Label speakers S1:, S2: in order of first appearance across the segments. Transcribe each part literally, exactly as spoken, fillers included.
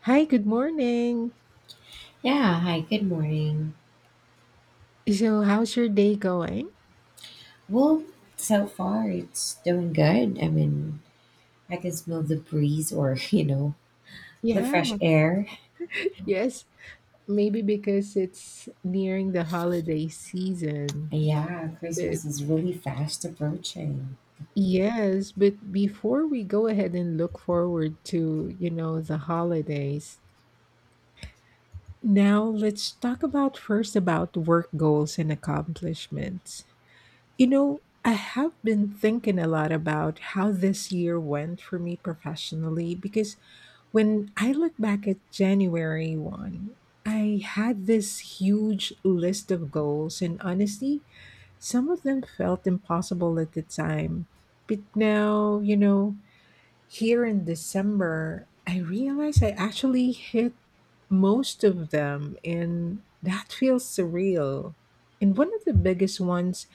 S1: Hi, good morning.
S2: Yeah, hi, good morning.
S1: So, how's your day going?
S2: Well, so far it's doing good. I mean, I can smell the breeze or, you know, the
S1: Yeah,
S2: fresh air.
S1: yes. Maybe because it's nearing the holiday season.
S2: Yeah,
S1: But
S2: Christmas is really fast approaching.
S1: yes, but before we go ahead and look forward to, you know, the holidays, now let's talk about first about work goals and accomplishments. You know, I have been thinking a lot about how this year went for me professionally because When I look back at January first, I had this huge list of goals, and honestly, some of them felt impossible at the time. But now, you know, here in December, I realize I actually hit most of them, and that feels surreal. And one of the biggest ones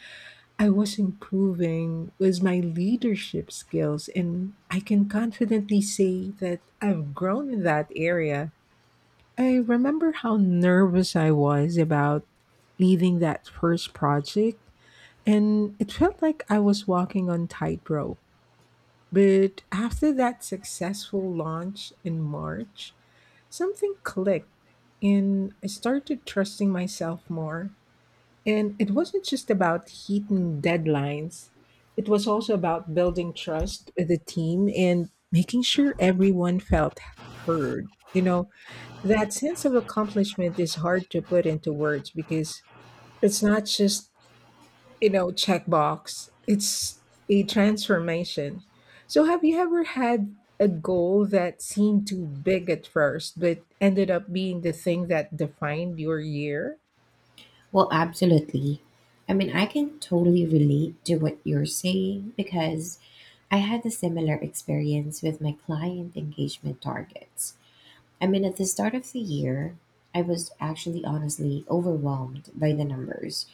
S1: I was improving with my leadership skills, and I can confidently say that I've grown in that area. I remember how nervous I was about leading that first project, and it felt like I was walking on tightrope. But after that successful launch in March, something clicked, and I started trusting myself more. And it wasn't just about hitting deadlines, it was also about building trust with the team and making sure everyone felt heard. You know, that sense of accomplishment is hard to put into words because it's not just, you know, checkbox, it's a transformation. So, have you ever had a goal that seemed too big at first, but ended up being the thing that defined your year?
S2: Well, absolutely. I mean, I can totally relate to what you're saying because I had a similar experience with my client engagement targets. I mean, at the start of the year, I was actually honestly overwhelmed by the numbers.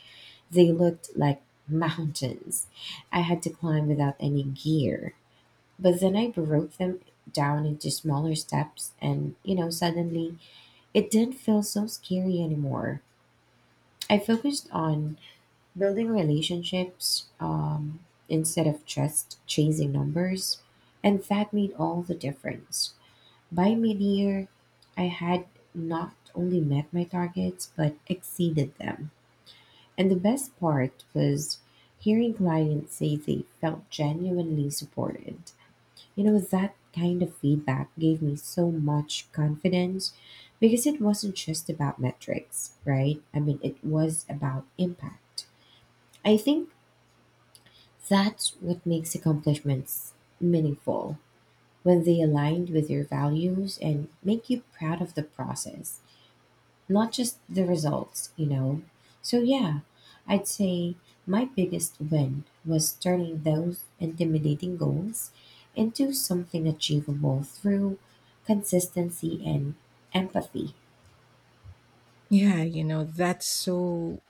S2: They looked like mountains. I had to climb without any gear. But then I broke them down into smaller steps, and you know, suddenly it didn't feel so scary anymore. I focused on building relationships um, instead of just chasing numbers, and that made all the difference. By mid year, I had not only met my targets but exceeded them. And the best part was hearing clients say they felt genuinely supported. You know, that kind of feedback gave me so much confidence because it wasn't just about metrics, right? I mean, it was about impact. I think that's what makes accomplishments meaningful when they aligned with your values and make you proud of the process, not just the results, you know. So yeah, I'd say my biggest win was turning those intimidating goals into something achievable through consistency and empathy.
S1: Yeah, you know, that's so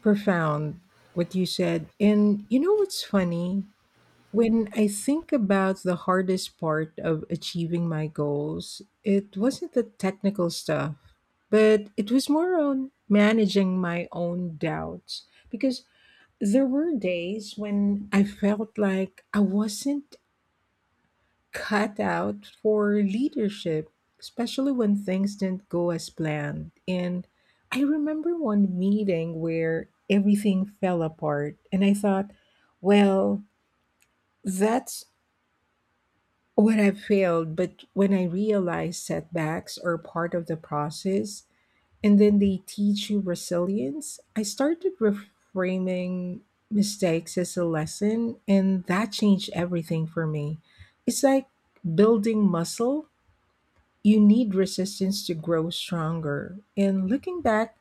S1: profound what you said. And you know what's funny? When I think about the hardest part of achieving my goals, it wasn't the technical stuff, but it was more on managing my own doubts because There were days when I felt like I wasn't cut out for leadership, especially when things didn't go as planned. And I remember one meeting where everything fell apart, and I thought, well, that's what I failed. But when I realized setbacks are part of the process, and then they teach you resilience. I started reframing mistakes as a lesson, and that changed everything for me. It's like building muscle, you need resistance to grow stronger. And looking back,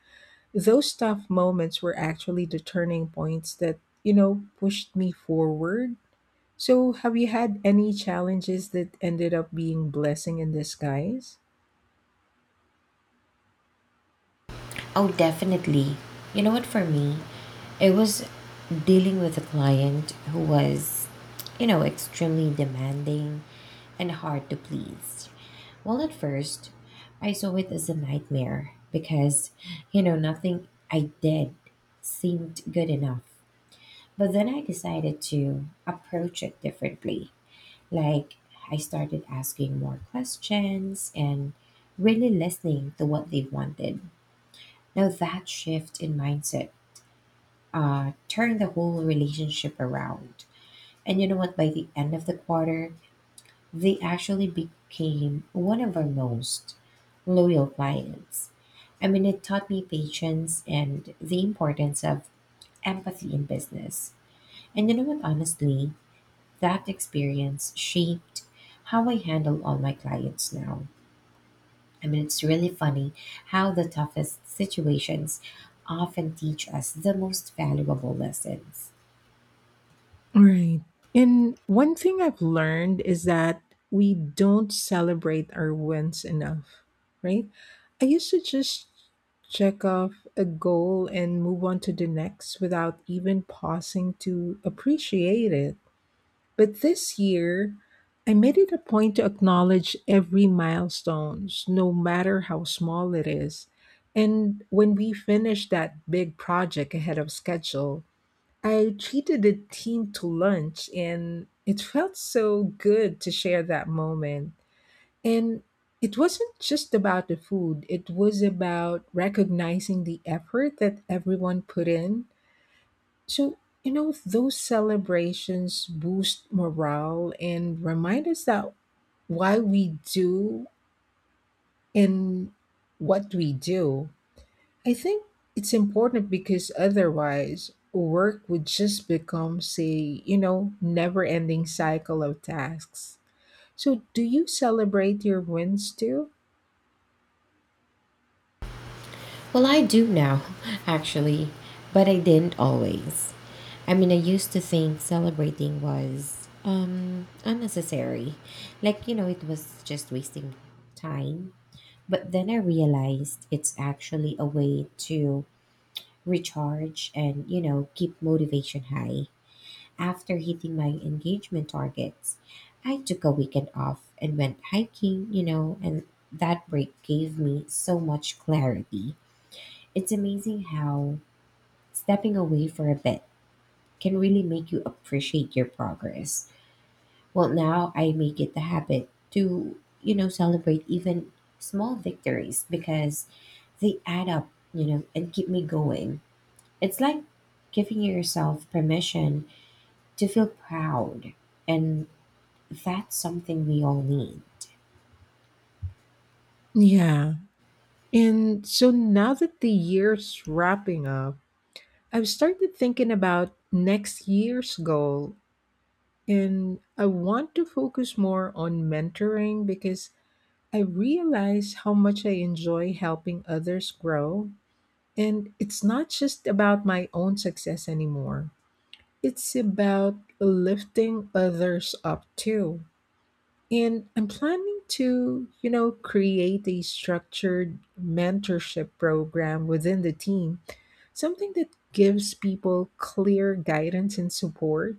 S1: those tough moments were actually the turning points that, you know, pushed me forward. So, have you had any challenges that ended up being blessing in disguise?
S2: Oh, definitely. You know what, for me, it was dealing with a client who was, you know, extremely demanding and hard to please. Well, at first, I saw it as a nightmare because, you know, nothing I did seemed good enough. But then I decided to approach it differently. Like, I started asking more questions and really listening to what they wanted. Now, that shift in mindset uh, turned the whole relationship around. And you know what? By the end of the quarter, they actually became one of our most loyal clients. I mean, it taught me patience and the importance of empathy in business. And you know what, honestly, that experience shaped how I handle all my clients now. I mean, it's really funny how the toughest situations often teach us the most valuable lessons.
S1: Right. And one thing I've learned is that we don't celebrate our wins enough, right? I used to just check off a goal and move on to the next without even pausing to appreciate it. But this year, I made it a point to acknowledge every milestones, no matter how small it is. And when we finished that big project ahead of schedule, I treated the team to lunch, and it felt so good to share that moment. And it wasn't just about the food, it was about recognizing the effort that everyone put in. So, you know, those celebrations boost morale and remind us that why we do and what we do. I think it's important because otherwise work would just become say, you know, never-ending cycle of tasks. So do you celebrate your wins too?
S2: Well, I do now, actually, but I didn't always. I mean, I used to think celebrating was um unnecessary. Like, you know, it was just wasting time. But then I realized it's actually a way to recharge and, you know, keep motivation high. After hitting my engagement targets, I took a weekend off and went hiking, you know, and that break gave me so much clarity. It's amazing how stepping away for a bit can really make you appreciate your progress. Well, now I make it the habit to, you know, celebrate even small victories because they add up, you know, and keep me going. It's like giving yourself permission to feel proud. And that's something we all need.
S1: Yeah. And so now that the year's wrapping up, I've started thinking about next year's goal. And I want to focus more on mentoring because I realize how much I enjoy helping others grow And it's not just about my own success anymore. It's about lifting others up too. And I'm planning to, you know, create a structured mentorship program within the team, something that gives people clear guidance and support.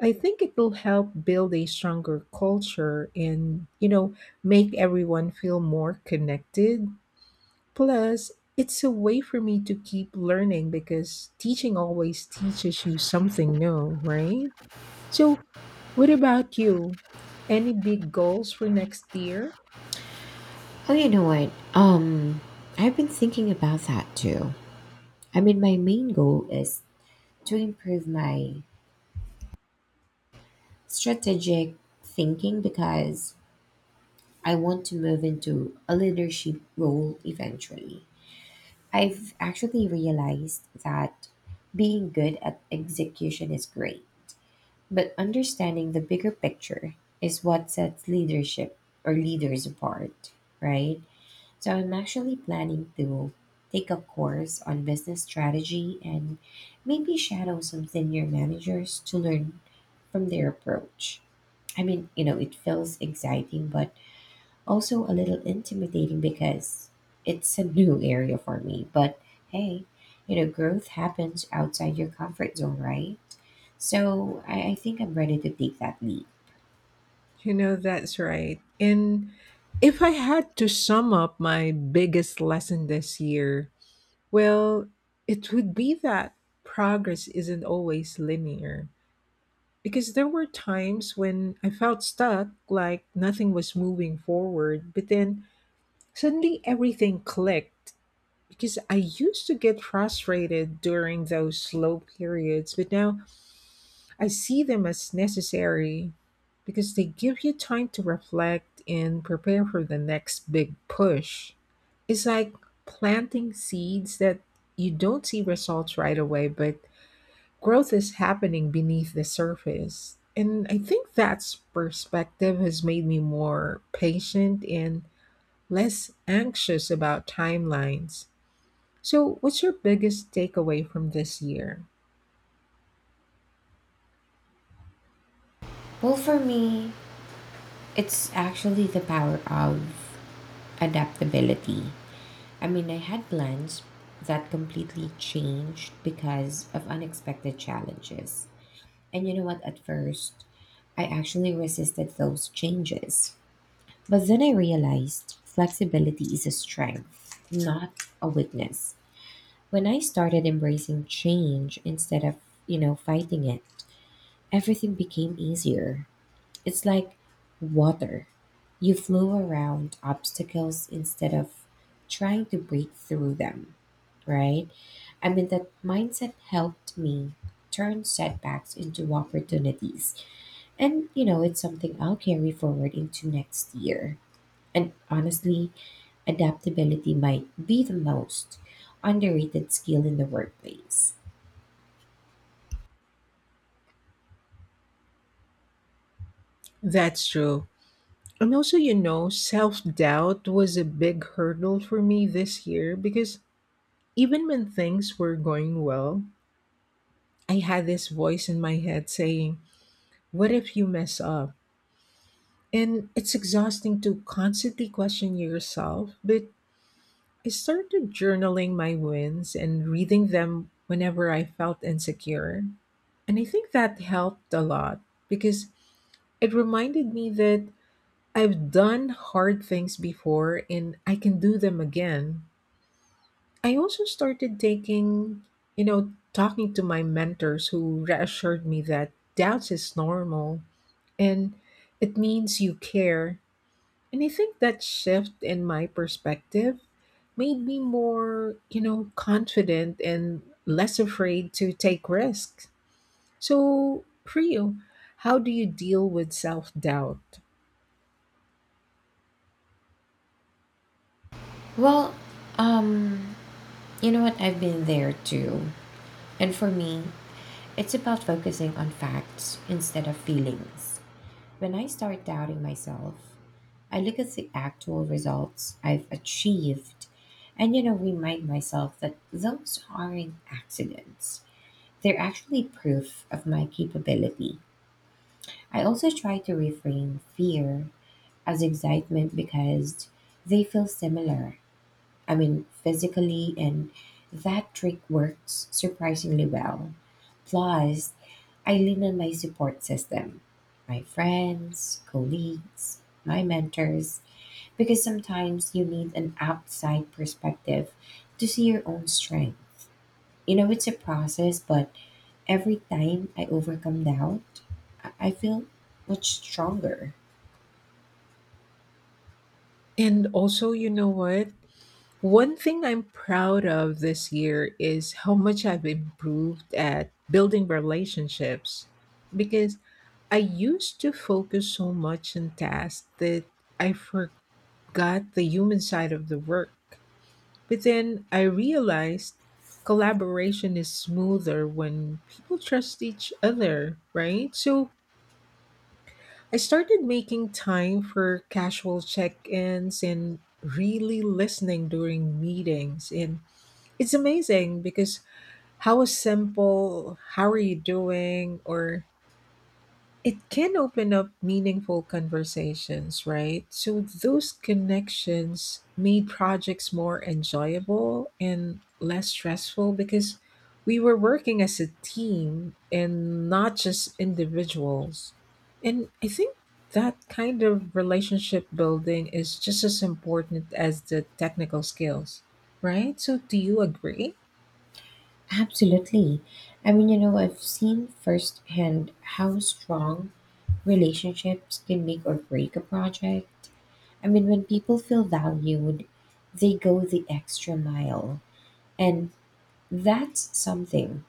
S1: I think it will help build a stronger culture and, you know, make everyone feel more connected Plus, it's a way for me to keep learning because teaching always teaches you something new, right? So, what about you? Any big goals for next year?
S2: Oh, you know what? Um, I've been thinking about that too. I mean, my main goal is to improve my strategic thinking because I want to move into a leadership role eventually. I've actually realized that being good at execution is great, but understanding the bigger picture is what sets leadership or leaders apart, right? So I'm actually planning to take a course on business strategy and maybe shadow some senior managers to learn from their approach. I mean, you know, it feels exciting, but also a little intimidating because it's a new area for me. But hey, you know, growth happens outside your comfort zone, right? So I, I think I'm ready to take that leap.
S1: You know, that's right. And if I had to sum up my biggest lesson this year, well, it would be that progress isn't always linear. Because there were times when I felt stuck, like nothing was moving forward, but then Suddenly everything clicked because I used to get frustrated during those slow periods, but now I see them as necessary because they give you time to reflect and prepare for the next big push. It's like planting seeds that you don't see results right away, but growth is happening beneath the surface. And I think that's perspective has made me more patient and less anxious about timelines. So, what's your biggest takeaway from this year?
S2: Well, for me, it's actually the power of adaptability. I mean, I had plans that completely changed because of unexpected challenges. And you know what? At first, I actually resisted those changes. But then I realized flexibility is a strength, not a weakness. When I started embracing change instead of, you know, fighting it, everything became easier. It's like water. You flow around obstacles instead of trying to break through them, right? I mean, that mindset helped me turn setbacks into opportunities, and you know, it's something I'll carry forward into next year. And honestly, adaptability might be the most underrated skill in the workplace.
S1: That's true. And also, you know, self doubt was a big hurdle for me this year because even when things were going well, I had this voice in my head saying, What if you mess up? And it's exhausting to constantly question yourself, but I started journaling my wins and reading them whenever I felt insecure. And I think that helped a lot because it reminded me that I've done hard things before and I can do them again. I also started taking, you know, talking to my mentors who reassured me that doubts is normal and it means you care. And I think that shift in my perspective made me more, you know, confident and less afraid to take risks. So, for you, how do you deal with self doubt?
S2: Well, um, you know what? I've been there too. And for me, it's about focusing on facts instead of feelings. When I start doubting myself, I look at the actual results I've achieved and, you know, remind myself that those aren't accidents. They're actually proof of my capability. I also try to reframe fear as excitement because they feel similar. I mean, physically, and that trick works surprisingly well. Plus, I lean on my support system, my friends, colleagues, my mentors, because sometimes you need an outside perspective to see your own strength. You know, it's a process, but every time I overcome doubt, I I feel much stronger.
S1: And also, you know what? One thing I'm proud of this year is how much I've improved at building relationships because I used to focus so much on tasks that I forgot the human side of the work. But then I realized collaboration is smoother when people trust each other, right? So, I started making time for casual check ins and really listening during meetings. And it's amazing because how a simple, how are you doing, or it can open up meaningful conversations, right? So those connections made projects more enjoyable and less stressful because we were working as a team and not just individuals. And I think that kind of relationship building is just as important as the technical skills, right? So do you agree?
S2: Absolutely. I mean, you know, I've seen firsthand how strong relationships can make or break a project. I mean, when people feel valued, they go the extra mile. And that's something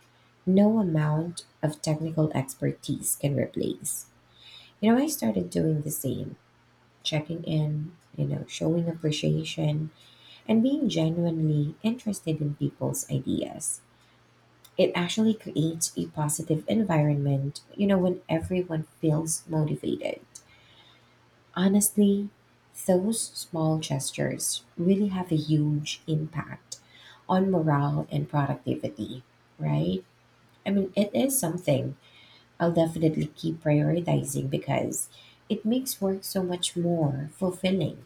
S2: no amount of technical expertise can replace. You know, I started doing the same, checking in, you know, showing appreciation and being genuinely interested in people's ideas. It actually creates a positive environment, you know, when everyone feels motivated. Honestly, those small gestures really have a huge impact on morale and productivity, right? I mean, it is something I'll definitely keep prioritizing because it makes work so much more fulfilling,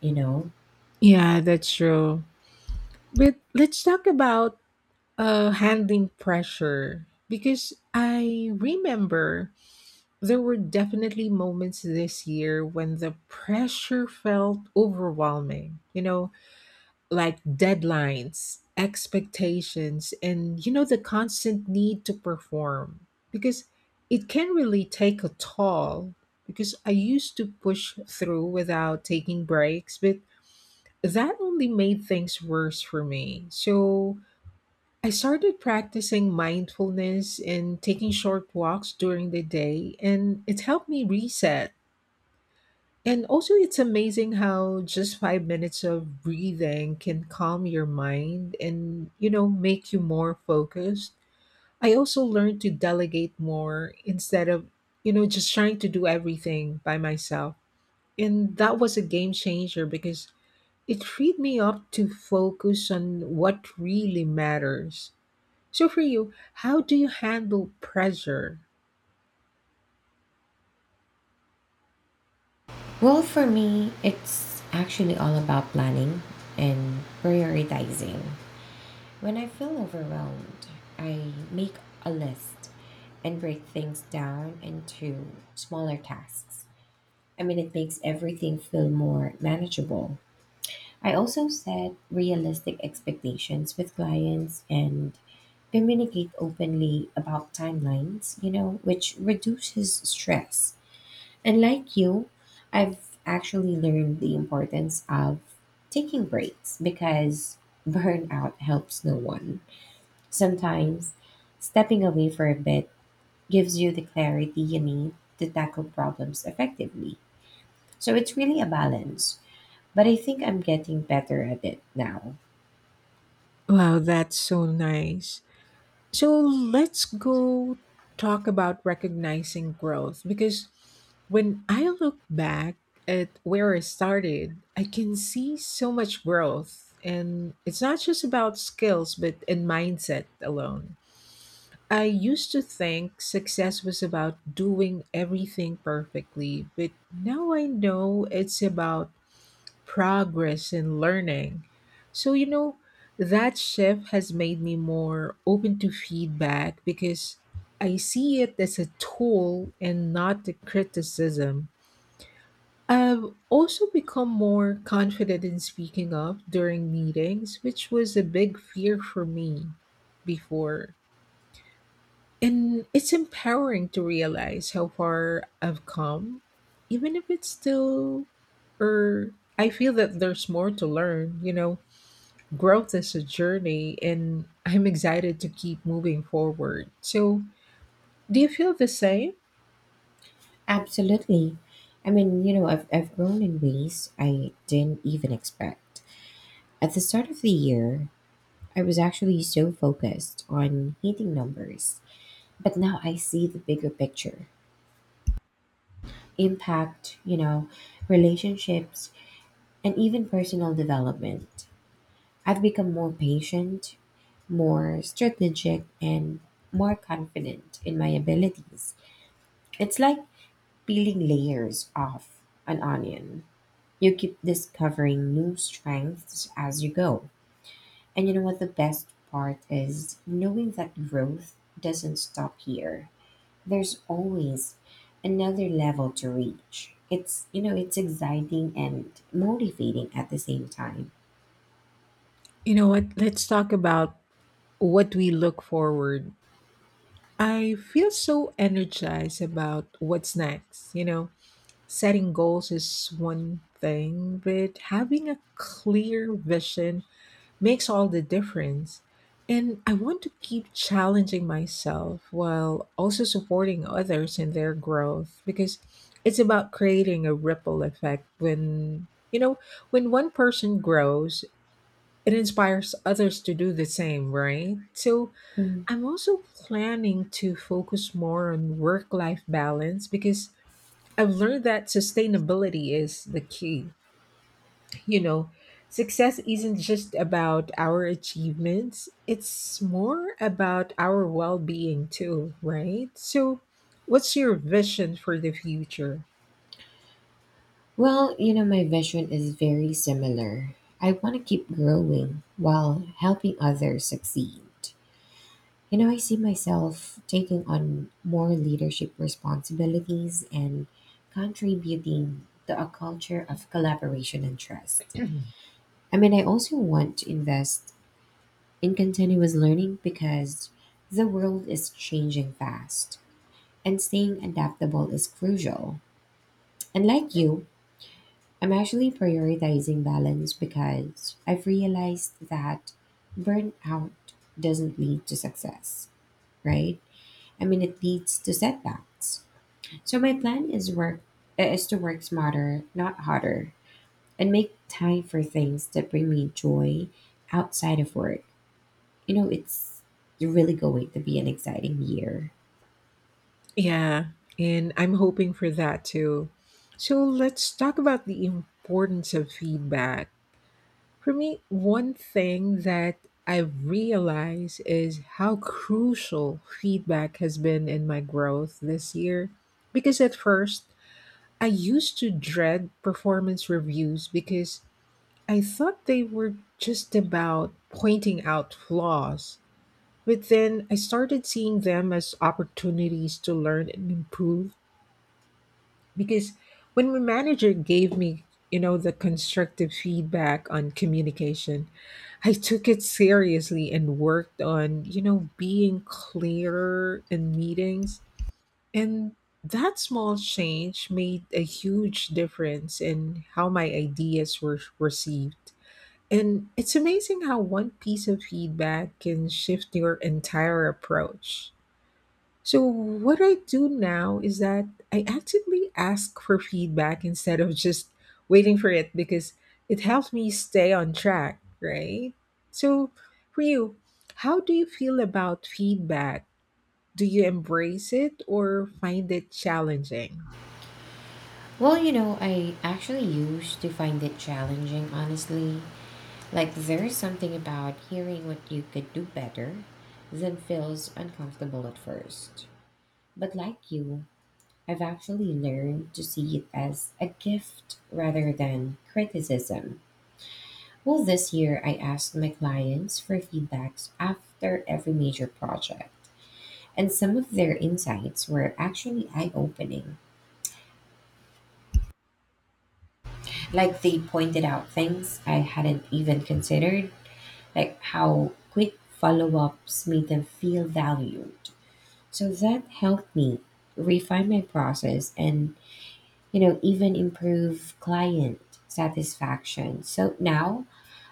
S2: you know?
S1: Yeah, that's true. But let's talk about Uh, handling pressure. Because I remember there were definitely moments this year when the pressure felt overwhelming, you know, like deadlines, expectations, and, you know, the constant need to perform. Because it can really take a toll. Because I used to push through without taking breaks, but that only made things worse for me. So, I started practicing mindfulness and taking short walks during the day, and it helped me reset. And also, it's amazing how just five minutes of breathing can calm your mind and, you know, make you more focused. I also learned to delegate more instead of, you know, just trying to do everything by myself. And that was a game changer because it freed me up to focus on what really matters. So, for you, how do you handle pressure?
S2: Well, for me, it's actually all about planning and prioritizing. When I feel overwhelmed, I make a list and break things down into smaller tasks. I mean, it makes everything feel more manageable. I also set realistic expectations with clients and communicate openly about timelines, you know, which reduces stress. And like you, I've actually learned the importance of taking breaks because burnout helps no one. Sometimes stepping away for a bit gives you the clarity you need to tackle problems effectively. So it's really a balance, but I think I'm getting better at it now.
S1: Wow, that's so nice. So, let's go talk about recognizing growth because when I look back at where I started, I can see so much growth. And it's not just about skills, but in mindset alone. I used to think success was about doing everything perfectly, but now I know it's about progress in learning. So, you know, that shift has made me more open to feedback because I see it as a tool and not a criticism. I've also become more confident in speaking up during meetings, which was a big fear for me before. And it's empowering to realize how far I've come, even if it's still, or I feel that there's more to learn, you know growth is a journey and I'm excited to keep moving forward. So, do you feel the same?
S2: Absolutely. I mean, you know, I've, I've grown in ways I didn't even expect. At the start of the year, I was actually so focused on hitting numbers, but now I see the bigger picture impact, you know, relationships, and even personal development. I've become more patient, more strategic, and more confident in my abilities. It's like peeling layers off an onion. You keep discovering new strengths as you go. And you know what? The best part is knowing that growth doesn't stop here. There's always another level to reach. It's you know it's exciting and motivating at the same time.
S1: You know what? Let's talk about what we look forward. I feel so energized about what's next. You know, setting goals is one thing, but having a clear vision makes all the difference. And I want to keep challenging myself while also supporting others in their growth because it's about creating a ripple effect when, you know, when one person grows, it inspires others to do the same, right? So
S2: Mhm.
S1: I'm also planning to focus more on work life balance because I've learned that sustainability is the key you know, success isn't just about our achievements, it's more about our well being too, right? So, what's your vision for the future?
S2: Well, you know my vision is very similar. I want to keep growing while helping others succeed. You know, I see myself taking on more leadership responsibilities and contributing to a culture of collaboration and trust. I mean, I also want to invest in continuous learning because the world is changing fast and staying adaptable is crucial. And like you, I'm actually prioritizing balance because I've realized that burnout doesn't lead to success, right? I mean, it leads to setbacks. So my plan is work uh, is to work smarter, not harder, and make time for things that bring me joy outside of work. you know, it's really going to be an exciting year.
S1: Yeah, and I'm hoping for that too. So, let's talk about the importance of feedback. For me, one thing that I've realized is how crucial feedback has been in my growth this year. Because at first, I used to dread performance reviews because I thought they were just about pointing out flaws. But then I started seeing them as opportunities to learn and improve because when my manager gave me, you know, the constructive feedback on communication, I took it seriously and worked on, you know, being clearer in meetings. And that small change made a huge difference in how my ideas were received. And it's amazing how one piece of feedback can shift your entire approach. So, what I do now is that I actively ask for feedback instead of just waiting for it because it helps me stay on track, right? So, for you, how do you feel about feedback? Do you embrace it or find it challenging?
S2: Well, you know, I actually used to find it challenging, honestly. Like, there's something about hearing what you could do better that feels uncomfortable at first. But like you, I've actually learned to see it as a gift rather than criticism. Well, this year I asked my clients for feedbacks after every major project, and some of their insights were actually eye opening. Like they pointed out things I hadn't even considered, like how quick follow ups made them feel valued. So that helped me refine my process and, you know, even improve client satisfaction. So now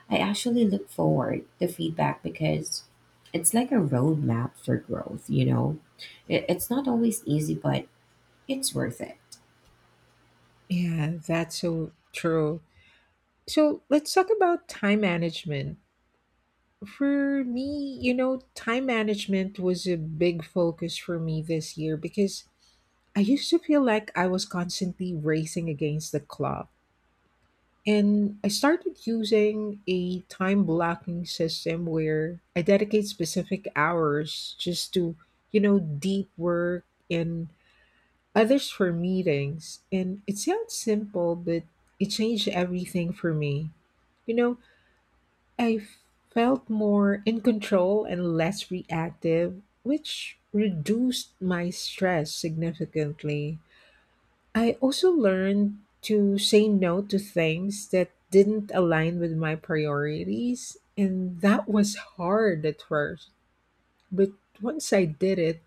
S2: I actually look forward to feedback because it's like a roadmap for growth, you know. It, it's not always easy, but it's worth it.
S1: Yeah, that's so true. So let's talk about time management. For me, you know, time management was a big focus for me this year because I used to feel like I was constantly racing against the clock. And I started using a time blocking system where I dedicate specific hours just to, you know, deep work and others for meetings. And it sounds simple, but it changed everything for me. You know, I felt more in control and less reactive, which reduced my stress significantly. I also learned to say no to things that didn't align with my priorities, and that was hard at first. But once I did it,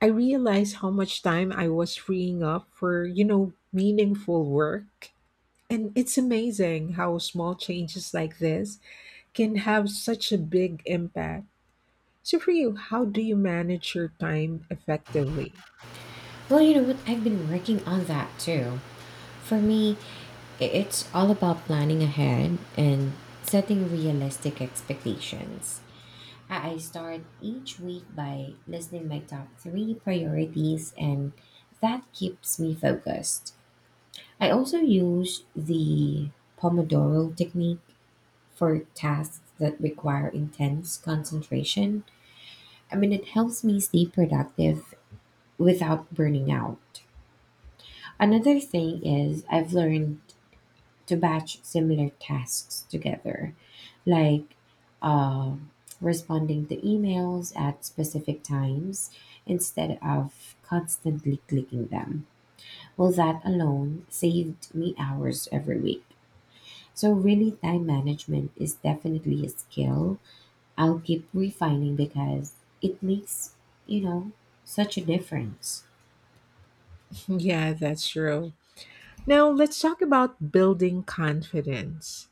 S1: I realized how much time I was freeing up for, you know, meaningful work. And it's amazing how small changes like this can have such a big impact. So, for you, how do you manage your time effectively?
S2: Well, you know what? I've been working on that too. For me, i- it's all about planning ahead and setting realistic expectations. I I start each week by listing my top three priorities, and that keeps me focused. I also use the Pomodoro technique for tasks that require intense concentration. I mean, it helps me stay productive without burning out. Another thing is I've learned to batch similar tasks together, like uh, responding to emails at specific times instead of constantly clicking them. Well, that alone saved me hours every week. So, really, time management is definitely a skill I'll keep refining because it makes, you know, such a difference.
S1: Yeah, that's true. Now, let's talk about building confidence.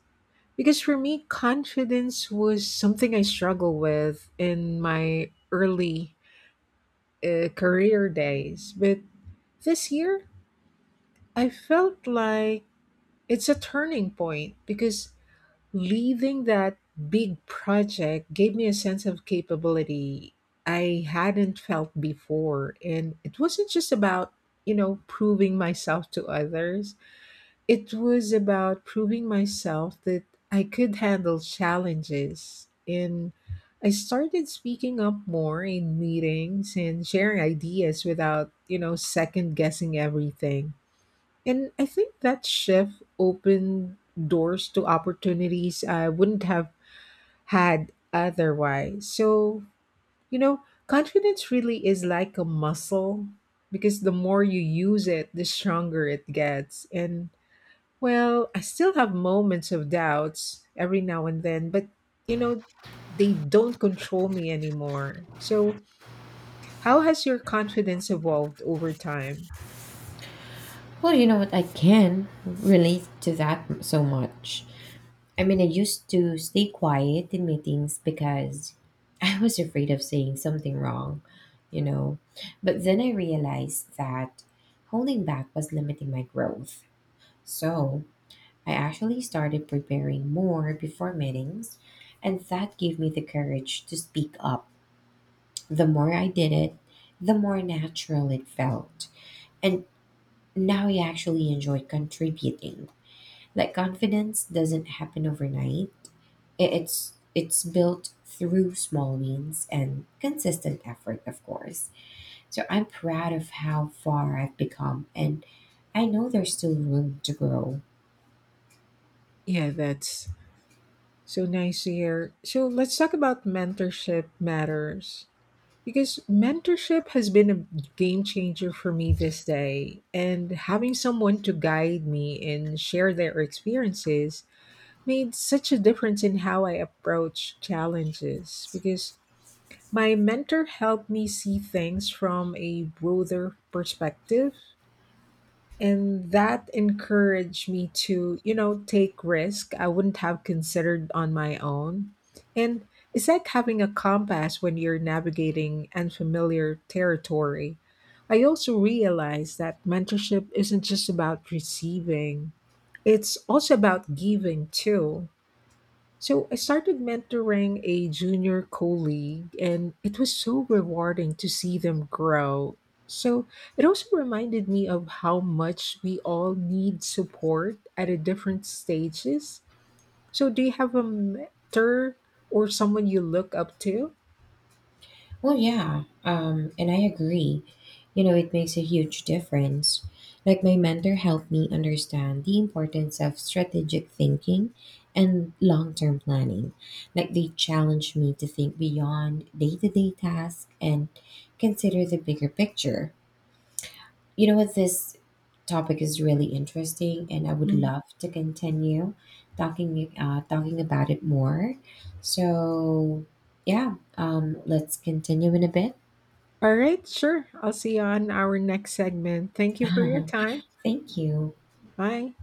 S1: Because for me, confidence was something I struggled with in my early uh, career days. But this year, I felt like it's a turning point because leaving that big project gave me a sense of capability I hadn't felt before. And it wasn't just about, you know, proving myself to others, it was about proving myself that I could handle challenges. And I started speaking up more in meetings and sharing ideas without, you know, second guessing everything. And I think that shift opened doors to opportunities I wouldn't have had otherwise. So, you know, confidence really is like a muscle because the more you use it, the stronger it gets. And well, I still have moments of doubts every now and then, but you know, they don't control me anymore. So, how has your confidence evolved over time?
S2: Well, you know what? I can relate to that so much. I mean, I used to stay quiet in meetings because I was afraid of saying something wrong, you know. But then I realized that holding back was limiting my growth. So I actually started preparing more before meetings, and that gave me the courage to speak up. The more I did it, the more natural it felt. And now I actually enjoy contributing. Like, confidence doesn't happen overnight. I- It's it's built through small wins and consistent effort, of course. So I'm proud of how far I've become, and I know there's still room to grow.
S1: Yeah, that's So nice to hear. So let's talk about mentorship matters because mentorship has been a game changer for me this day. And having someone to guide me and share their experiences made such a difference in how I approach challenges because my mentor helped me see things from a broader perspective and that encouraged me to you know take risk i wouldn't have considered on my own. And it's like having a compass when you're navigating unfamiliar territory. I also realized that mentorship isn't just about receiving, it's also about giving too. So I started mentoring a junior colleague, and it was so rewarding to see them grow. So it also reminded me of how much we all need support at a different stages. So do you have a mentor or someone you look up to?
S2: Well, yeah, um, and I agree. You know, it makes a huge difference. Like my mentor helped me understand the importance of strategic thinking and long-term planning. Like they challenged me to think beyond day-to-day tasks and consider the bigger picture. You know what? This topic is really interesting, and I would
S1: Mhm.
S2: love to continue talking uh, talking about it more. So, yeah, um, let's continue in a bit.
S1: All right, sure. I'll see you on our next segment. Thank you for your time.
S2: Thank you.
S1: Bye.